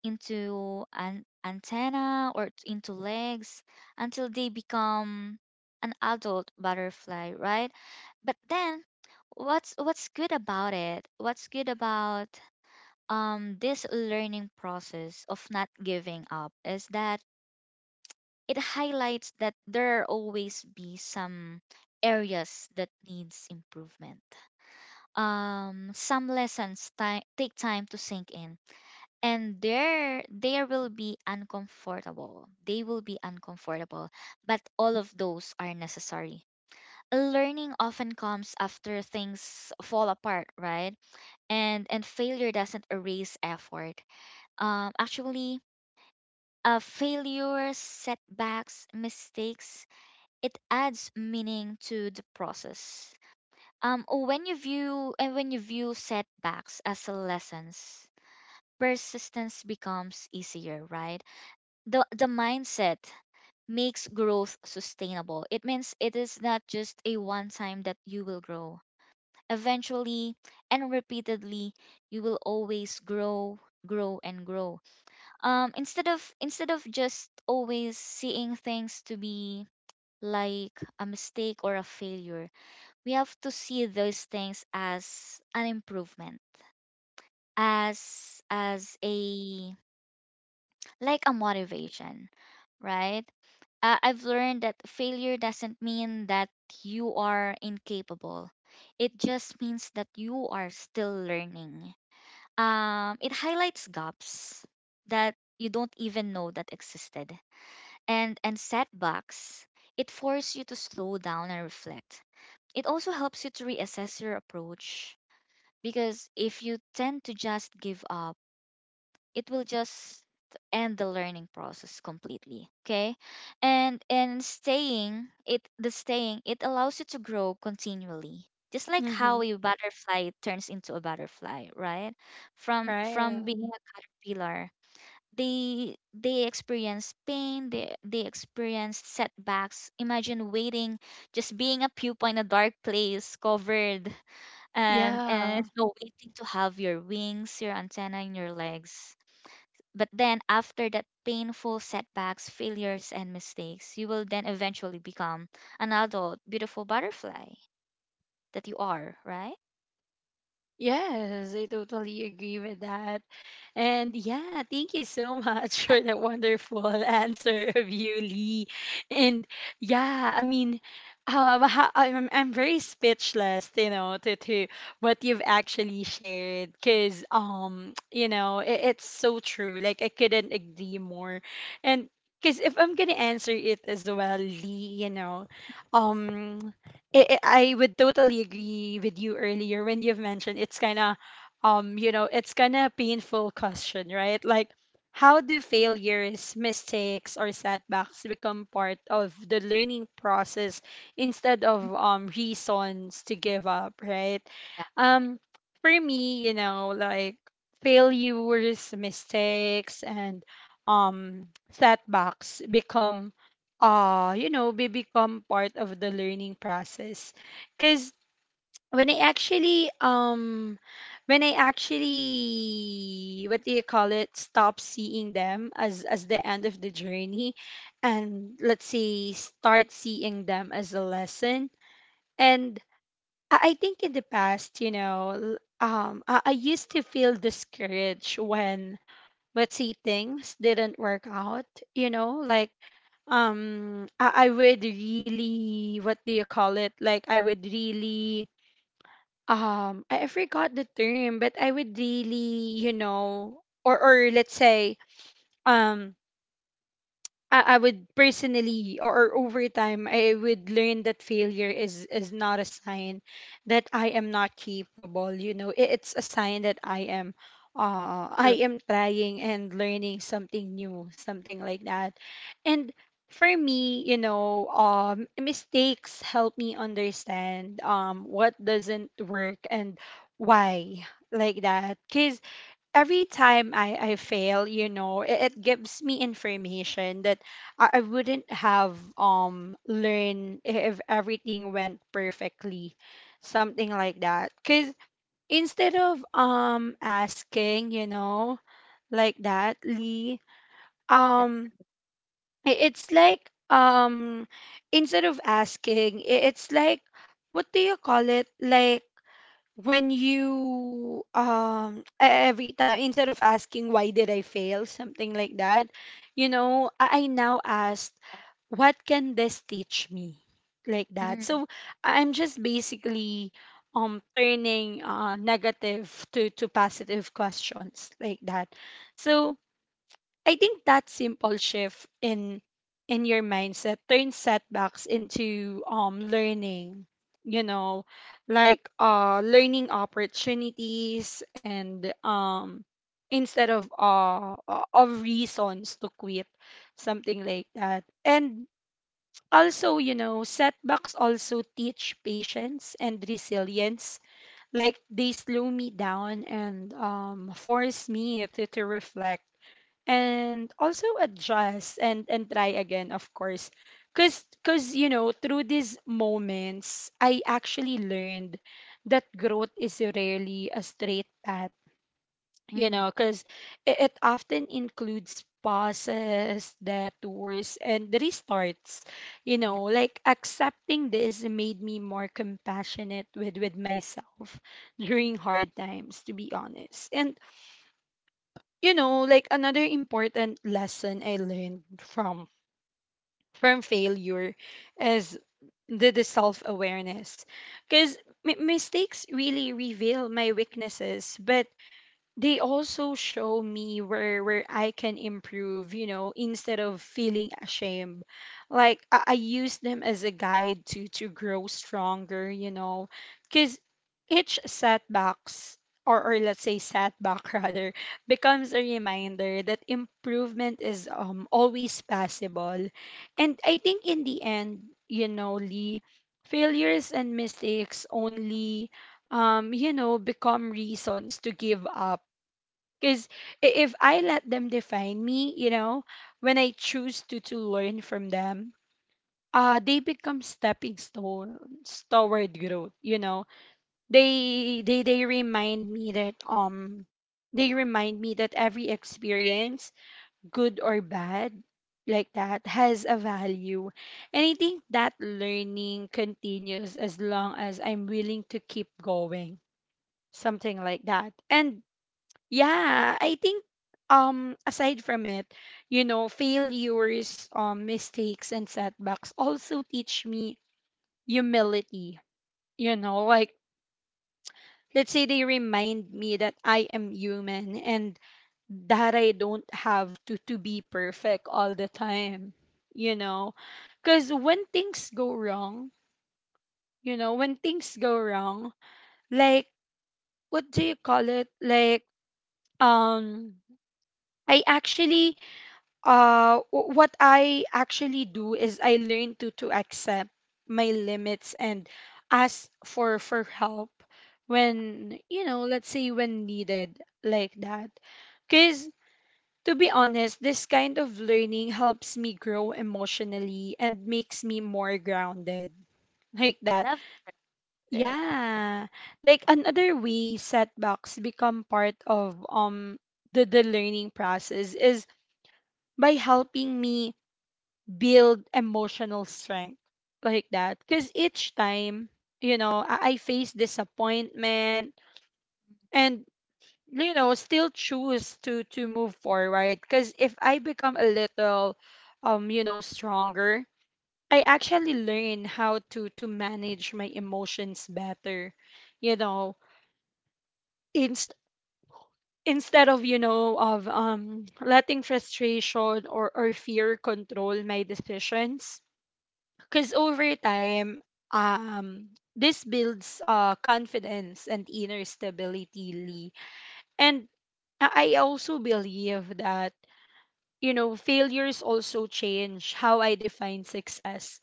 Speaker 2: into an antenna or into legs, until they become an adult butterfly, right? But then, what's good about it, what's good about this learning process of not giving up is that it highlights that there always be some areas that needs improvement. Some lessons take time to sink in, and there will be uncomfortable. They will be uncomfortable, but all of those are necessary. Learning often comes after things fall apart, right? And failure doesn't erase effort. Actually, failures, setbacks, mistakes, it adds meaning to the process. When you view, and when you view setbacks as a lessons, persistence becomes easier, right? The mindset makes growth sustainable. It means it is not just a one time that you will grow. Eventually and repeatedly, you will always grow, grow and grow, instead of, just always seeing things to be like a mistake or a failure, we have to see those things as an improvement, as a, like a motivation, right? I've learned that failure doesn't mean that you are incapable, it just means that you are still learning. It highlights gaps that you don't even know that existed. And setbacks, it forces you to slow down and reflect. It also helps you to reassess your approach, because if you tend to just give up, it will just end the learning process completely. Okay? And staying, it, the staying, it allows you to grow continually. Just like how
Speaker 1: Mm-hmm.
Speaker 2: a butterfly turns into a butterfly, right? From
Speaker 1: Right?
Speaker 2: being a caterpillar, they experienced pain, they experienced setbacks. Imagine waiting, just being a pupa in a dark place covered, and
Speaker 1: Yeah.
Speaker 2: <laughs> so waiting to have your wings, your antenna and your legs. But then after that painful setbacks, failures and mistakes, you will then eventually become an adult beautiful butterfly that you are, right?
Speaker 1: Yes, I totally agree with that. And yeah, thank you so <laughs> much for that wonderful <laughs> answer of you, Lee. And yeah, I mean, I'm very speechless, you know, to, what you've actually shared, because, <tsk> you know, it's so true. Like, I couldn't agree more. And, because if I'm going to answer it as well, Lee, you know, um, I would totally agree with you earlier when you've mentioned it's kind of, you know, it's kind of painful question, right? Like, how do failures, mistakes, or setbacks become part of the learning process instead
Speaker 2: Mhm.
Speaker 1: of reasons to give up, right?
Speaker 2: Yeah,
Speaker 1: Um, for me, you know, like, failures, mistakes, and um setbacks become, you know be become part of the learning process, because when I actually, when I actually, what do you call it, stop seeing them as the end of the journey, and, let's say, start seeing them as a lesson. And I think in the past, you know, I used to feel discouraged when... but see things didn't work out, you know, like, I would really, what do you call it, like, I would really, I forgot the term, but I would really, you know, or let's say, um I would personally, or over time, I would learn that failure is not a sign that I am not capable. You know, it's a sign that I am,
Speaker 2: correct.
Speaker 1: I am trying and learning something new, something like that. And for me, you know, mistakes help me understand what doesn't work, and why, like that. Cause every time I fail, you know, it gives me information that I wouldn't have learned if everything went perfectly, something like that. Cause instead of asking, you know, like that, Lee,
Speaker 2: Yeah.
Speaker 1: um, it's like instead of asking, it's like, what do you call it? Like, when you every time, instead of asking why did I fail, something like that, you know, I now ask, what can this teach me, like that.
Speaker 2: Mm,
Speaker 1: So I'm just basically turning, negative to positive questions, like that. So I think that simple shift in your mindset turns setbacks into learning, you know, like, learning opportunities, and instead of reasons to quit, something like that. And also, you know, setbacks also teach patience and resilience. Like, they slow me down, and force me to, reflect, and also adjust, and try again, of course, because, you know, through these moments, I actually learned that growth is rarely a straight path, you
Speaker 2: mm,
Speaker 1: know, because it often includes pauses, detours, and restarts, you
Speaker 2: yeah.
Speaker 1: know. Like, accepting this made me more compassionate with myself during hard times, to be honest. And, you know, like, another important lesson I learned from failure is the self awareness, because mistakes really reveal my weaknesses, but they also show me where I can improve, you know, instead of feeling ashamed. Like, I use them as a guide to grow stronger, you know, because each setbacks, or let's say setback <laughs> rather, becomes a reminder that improvement is always possible. And I think in the end, you know, Lee, failures and mistakes only become reasons to give up, because if I let them define me, you know. When I choose to, learn from them, they become stepping stones toward growth. You know, they remind me that, they remind me that every experience, good or bad, like that, has a value, and I think that learning continues as long as I'm willing to keep going, something like that. And yeah, I think aside from it, you know, failures, mistakes, and setbacks also teach me humility. You know, like, let's say, they remind me that I am human, and that I don't have to be perfect all the time, you know. Cuz when things go wrong, you know, when things go wrong, like, what do you call it? Like um I actually, what I actually do is, I learn to accept my limits, and ask for help when, you know, let's say, when needed, like that. Because, to be honest, this kind of learning helps me grow emotionally, and makes me more grounded, like
Speaker 2: I
Speaker 1: that.
Speaker 2: love it.
Speaker 1: Yeah, like another way setbacks become part of the learning process is by helping me build emotional strength, like that. Because each time, you know, I face disappointment, and, you know, still choose to move forward. Because if I become a little, you know, stronger, I actually learn how to manage my emotions better. You know, inst- instead of, you know, of letting frustration or fear control my decisions, because over time, um this builds, confidence and inner stability, Lee. And I also believe that you know failures also change how I define success.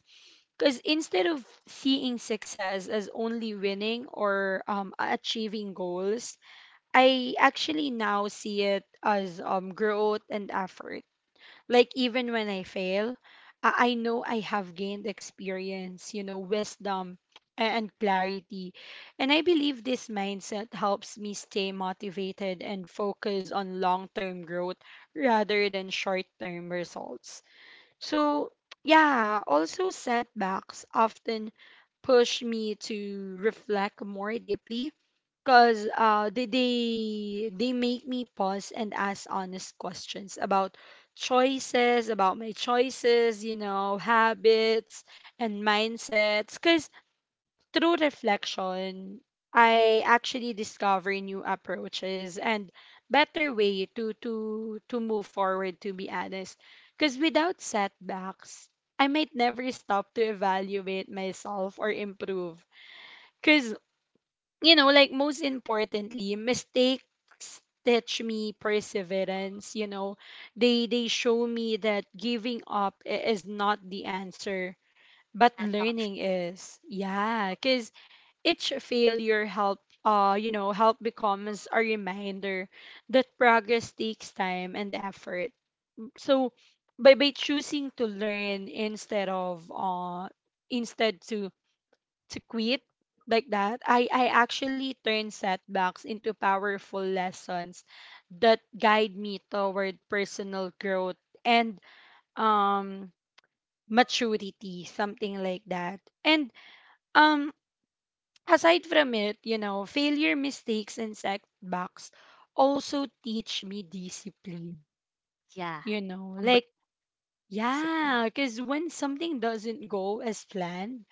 Speaker 1: Because instead of seeing success as only winning or achieving goals, I actually now see it as growth and effort. Like even when I fail, I know I have gained experience, you know, wisdom and clarity. And I believe this mindset helps me stay motivated and focus on long-term growth rather than short-term results. So yeah, also setbacks often push me to reflect more deeply. Cause they make me pause and ask honest questions about about my choices, you know, habits and mindsets. Cause through reflection, I actually discover new approaches and better way to move forward. To be honest, cause without setbacks, I might never stop to evaluate myself or improve. Cause you know, like most importantly, mistakes teach me perseverance, you know. They show me that giving up is not the answer, but
Speaker 2: An option.
Speaker 1: learning is. Yeah, cuz each failure help you know, help becomes a reminder that progress takes time and effort. So by choosing to learn instead of instead to quit like that, I actually turn setbacks into powerful lessons that guide me toward personal growth and um maturity, something like that. And um aside from it, you know, failure, mistakes and setbacks also teach me discipline.
Speaker 2: Yeah.
Speaker 1: You know, like
Speaker 2: Discipline.
Speaker 1: yeah, because when something doesn't go as planned,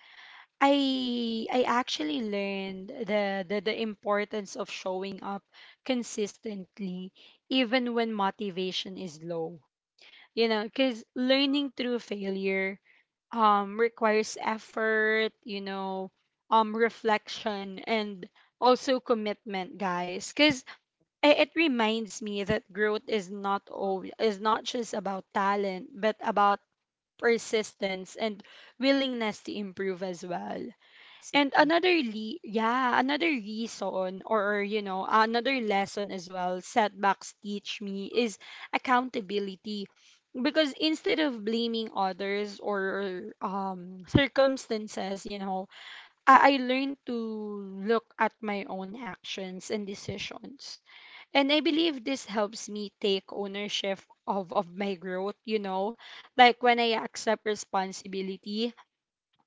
Speaker 1: I actually learned the importance of showing up consistently even when motivation is low. You know, cuz learning through failure requires effort, you know, reflection and also commitment, guys. Cuz it reminds me that growth is not all, is not just about talent, but about persistence and willingness to improve as well. And
Speaker 2: Discipline.
Speaker 1: another reason or you know, another lesson as well setbacks teach me is accountability. Because instead of blaming others or circumstances, you know, I learned to look at my own actions and decisions. And I believe this helps me take ownership of my growth, you know, like when I accept responsibility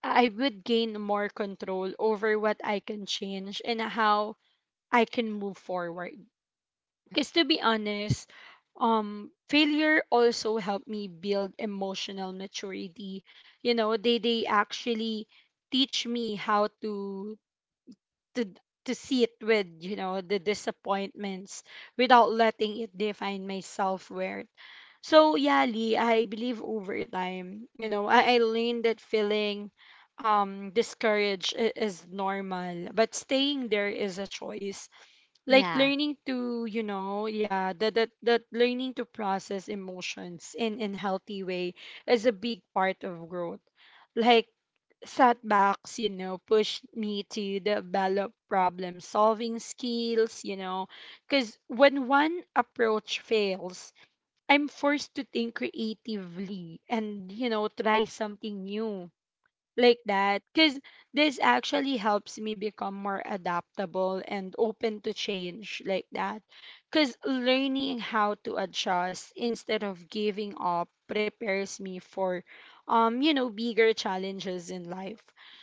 Speaker 1: I would gain more control over what I can change and how I can move forward. Because to be honest, failure also helped me build emotional maturity. You know, they actually teach me how to to see it with you know the disappointments without letting it define my self-worth. So yeah Lee, I believe over time you know I learned that feeling discouraged is normal but staying there is a choice. Like
Speaker 2: Yeah,
Speaker 1: learning to you know yeah that learning to process emotions in healthy way is a big part of growth. Like setbacks, you know, pushed me to develop problem solving skills, you know, because when one approach fails, I'm forced to think creatively and, you know, try something new like that. Because this actually helps me become more adaptable and open to change like that, because learning how to adjust instead of giving up prepares me for you know bigger challenges in life.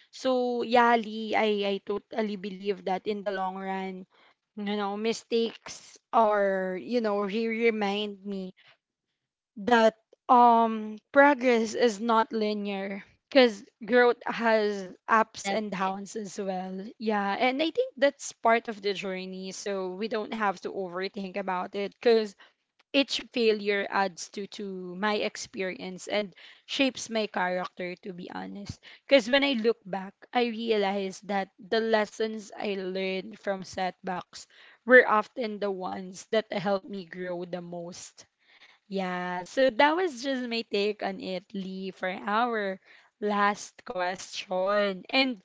Speaker 1: So yeah Lee, I totally believe that in the long run you know mistakes or you know remind me that progress is not linear because growth has ups and
Speaker 2: definitely.
Speaker 1: downs as well. Yeah, and I think that's part of the journey, so we don't have to overthink about it. Because each failure adds to my experience and shapes my character, to be honest. Because when I look back, I realize that the lessons I learned from setbacks were often the ones that helped me grow the most. Yeah, so that was just my take on it, Lee. For our last question. And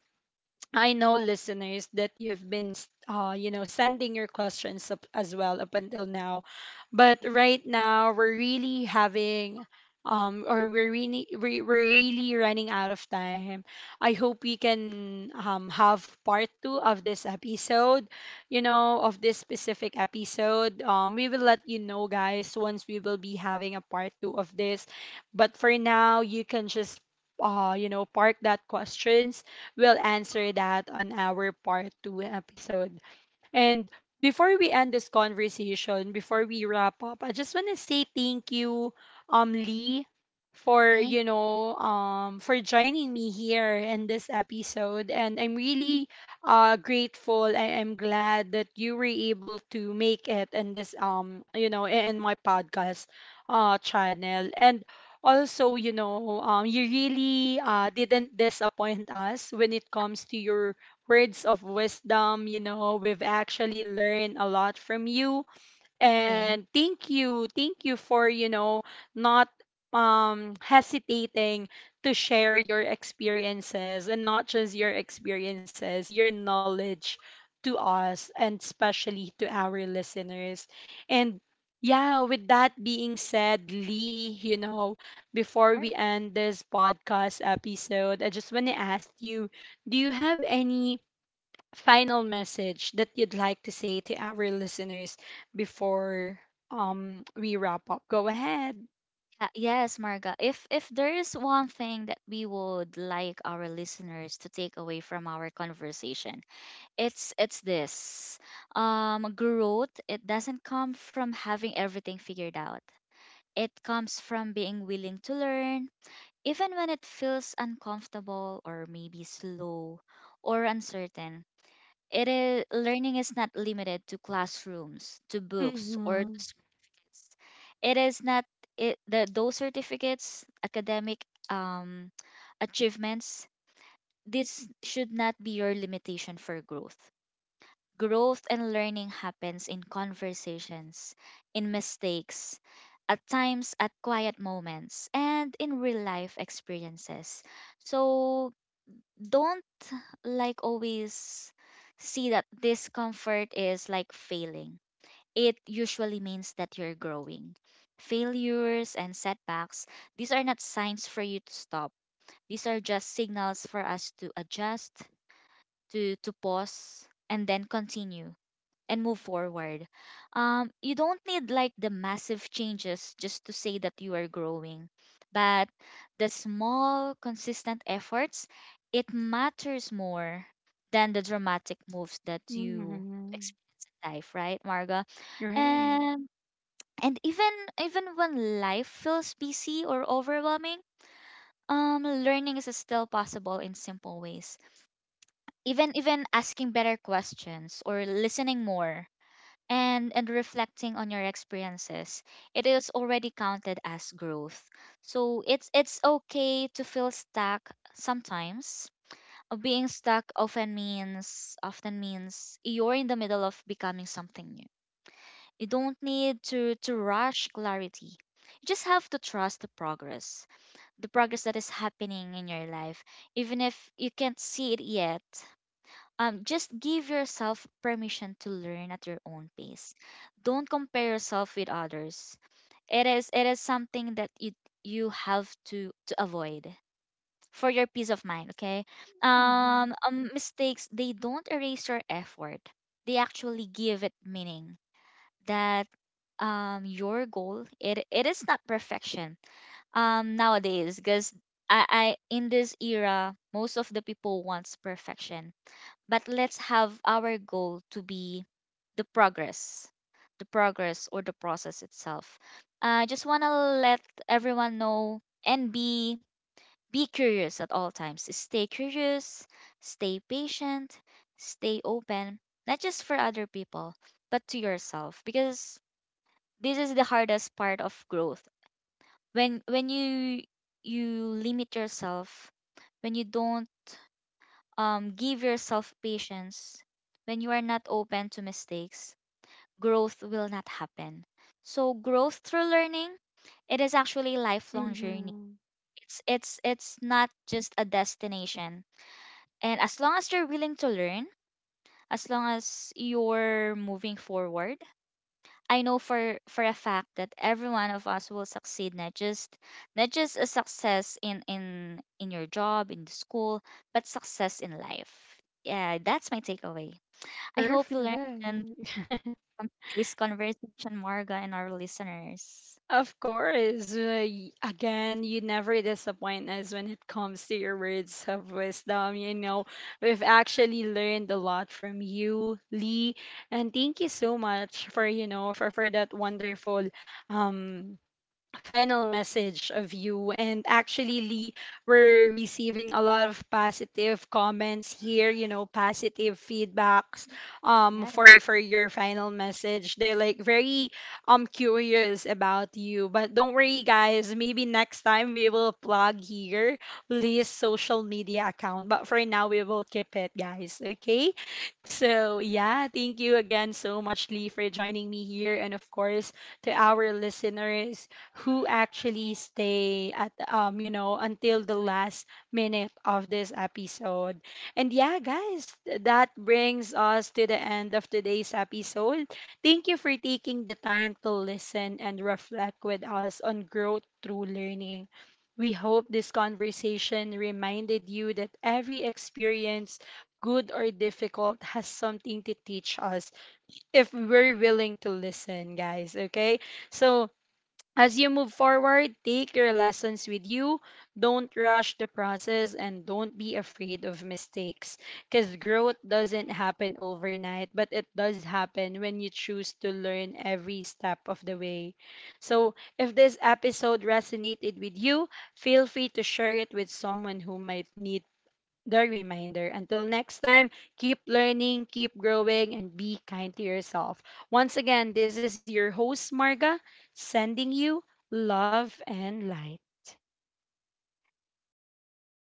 Speaker 1: I know listeners that you've been you know sending your questions up as well up until now. But right now we're really having or we're really we're really running out of time. I hope we can have part 2 of this episode, you know, of this specific episode. We will let you know guys once we will be having a part 2 of this. But for now, you can just you know park that question. We'll answer that on our part two episode. And before we end this conversation, before we wrap up, I just want to say thank you, Lee, for
Speaker 2: Thank,
Speaker 1: you know, for joining me here in this episode. And I'm really grateful. I'm glad that you were able to make it in this you know, in my podcast channel. And also, you know, you really didn't disappoint us when it comes to your words of wisdom. You know, we've actually learned a lot from you.
Speaker 2: thank
Speaker 1: And thank you. Thank you for, you know, not hesitating to share your experiences and not just your experiences, your knowledge to us and especially to our listeners. And yeah, with that being said, Lee, you know, before
Speaker 2: Marga.
Speaker 1: we end this podcast episode, I just want to ask you, do you have any final message that you'd like to say to our listeners before we wrap up? Go ahead.
Speaker 2: Yes, Marga. If there is one thing that we would like our listeners to take away from our conversation, it's this. Growth, it doesn't come from having everything figured out. It comes from being willing to learn, even when it feels uncomfortable, or maybe slow or uncertain. It is, learning is not limited to classrooms, to books, or
Speaker 1: Mm-hmm.
Speaker 2: to students. It is not, it, the those certificates, academic um, achievements. This should not be your limitation for growth. Growth and learning happens in conversations, in mistakes, at times at quiet moments, and in real life experiences. So don't like always see that discomfort is like failing. It usually means that you're growing. Failures and setbacks, these are not signs for you to stop. These are just signals for us to adjust, to pause and then continue and move forward. You don't need like the massive changes just to say that you are growing, but the small, consistent efforts, it matters more than the dramatic moves that you
Speaker 1: Mm-hmm.
Speaker 2: experience in life, right, Marga?
Speaker 1: Right.
Speaker 2: And, even, when life feels busy or overwhelming, learning is still possible in simple ways. Even asking better questions or listening more, and reflecting on your experiences, it is already counted as growth. So it's okay to feel stuck sometimes. Being stuck often means, often means you're in the middle of becoming something new. You don't need to rush clarity, you just have to trust the progress, the progress that is happening in your life, even if you can't see it yet. Just give yourself permission to learn at your own pace. Don't compare yourself with others. It is, it is something that you have to avoid for your peace of mind. Okay.
Speaker 1: Mm-hmm.
Speaker 2: Mistakes, they don't erase your effort. They actually give it meaning. That, your goal, it is not perfection. Nowadays, because I, I in this era most of the people wants perfection, but let's have our goal to be the progress, the progress or the process itself. I just want to let everyone know, and be curious at all times. Stay curious, stay patient, stay open, not just for other people, but to yourself, because this is the hardest part of growth. When, you, you limit yourself, when you don't give yourself patience, when you are not open to mistakes, growth will not happen. So growth through learning, it is actually a lifelong journey.
Speaker 1: Mm-hmm.
Speaker 2: It's not just a destination. And as long as you're willing to learn, as long as you're moving forward, I know for a fact that every one of us will succeed, not just, not just a success in, in your job, in the school, but success in life. Yeah, that's my takeaway. I hope you learned something
Speaker 1: Perfect. <laughs>
Speaker 2: from today's conversation, Marga, and our listeners.
Speaker 1: Of course. Again, you never disappoint us when it comes to your words of wisdom. You know, we've actually learned a lot from you, Lee. And thank you so much for, you know, for that wonderful um final message of you. And actually, Lee, we're receiving a lot of positive comments here, you know, positive feedbacks
Speaker 2: Yeah.
Speaker 1: for your final message. They're like very curious about you. But don't worry guys, maybe next time we will plug here Lee's social media account. But for now we will keep it, guys. Okay? So, yeah, thank you again so much, Lee, for joining me here. And of course, to our listeners who actually stay at, you know, until the last minute of this episode. And yeah, guys, that brings us to the end of today's episode. Thank you for taking the time to listen and reflect with us on growth through learning. We hope this conversation reminded you that every experience, good or difficult, has something to teach us if we're willing to listen, guys. Okay? So, as you move forward, take your lessons with you. Don't rush the process and don't be afraid of mistakes, because growth doesn't happen overnight, but it does happen when you choose to learn every step of the way. So, if this episode resonated with you, feel free to share it with someone who might need the reminder. Until next time, keep learning, keep growing, and be kind to yourself. Once again, this is your host, Marga, sending you love and light.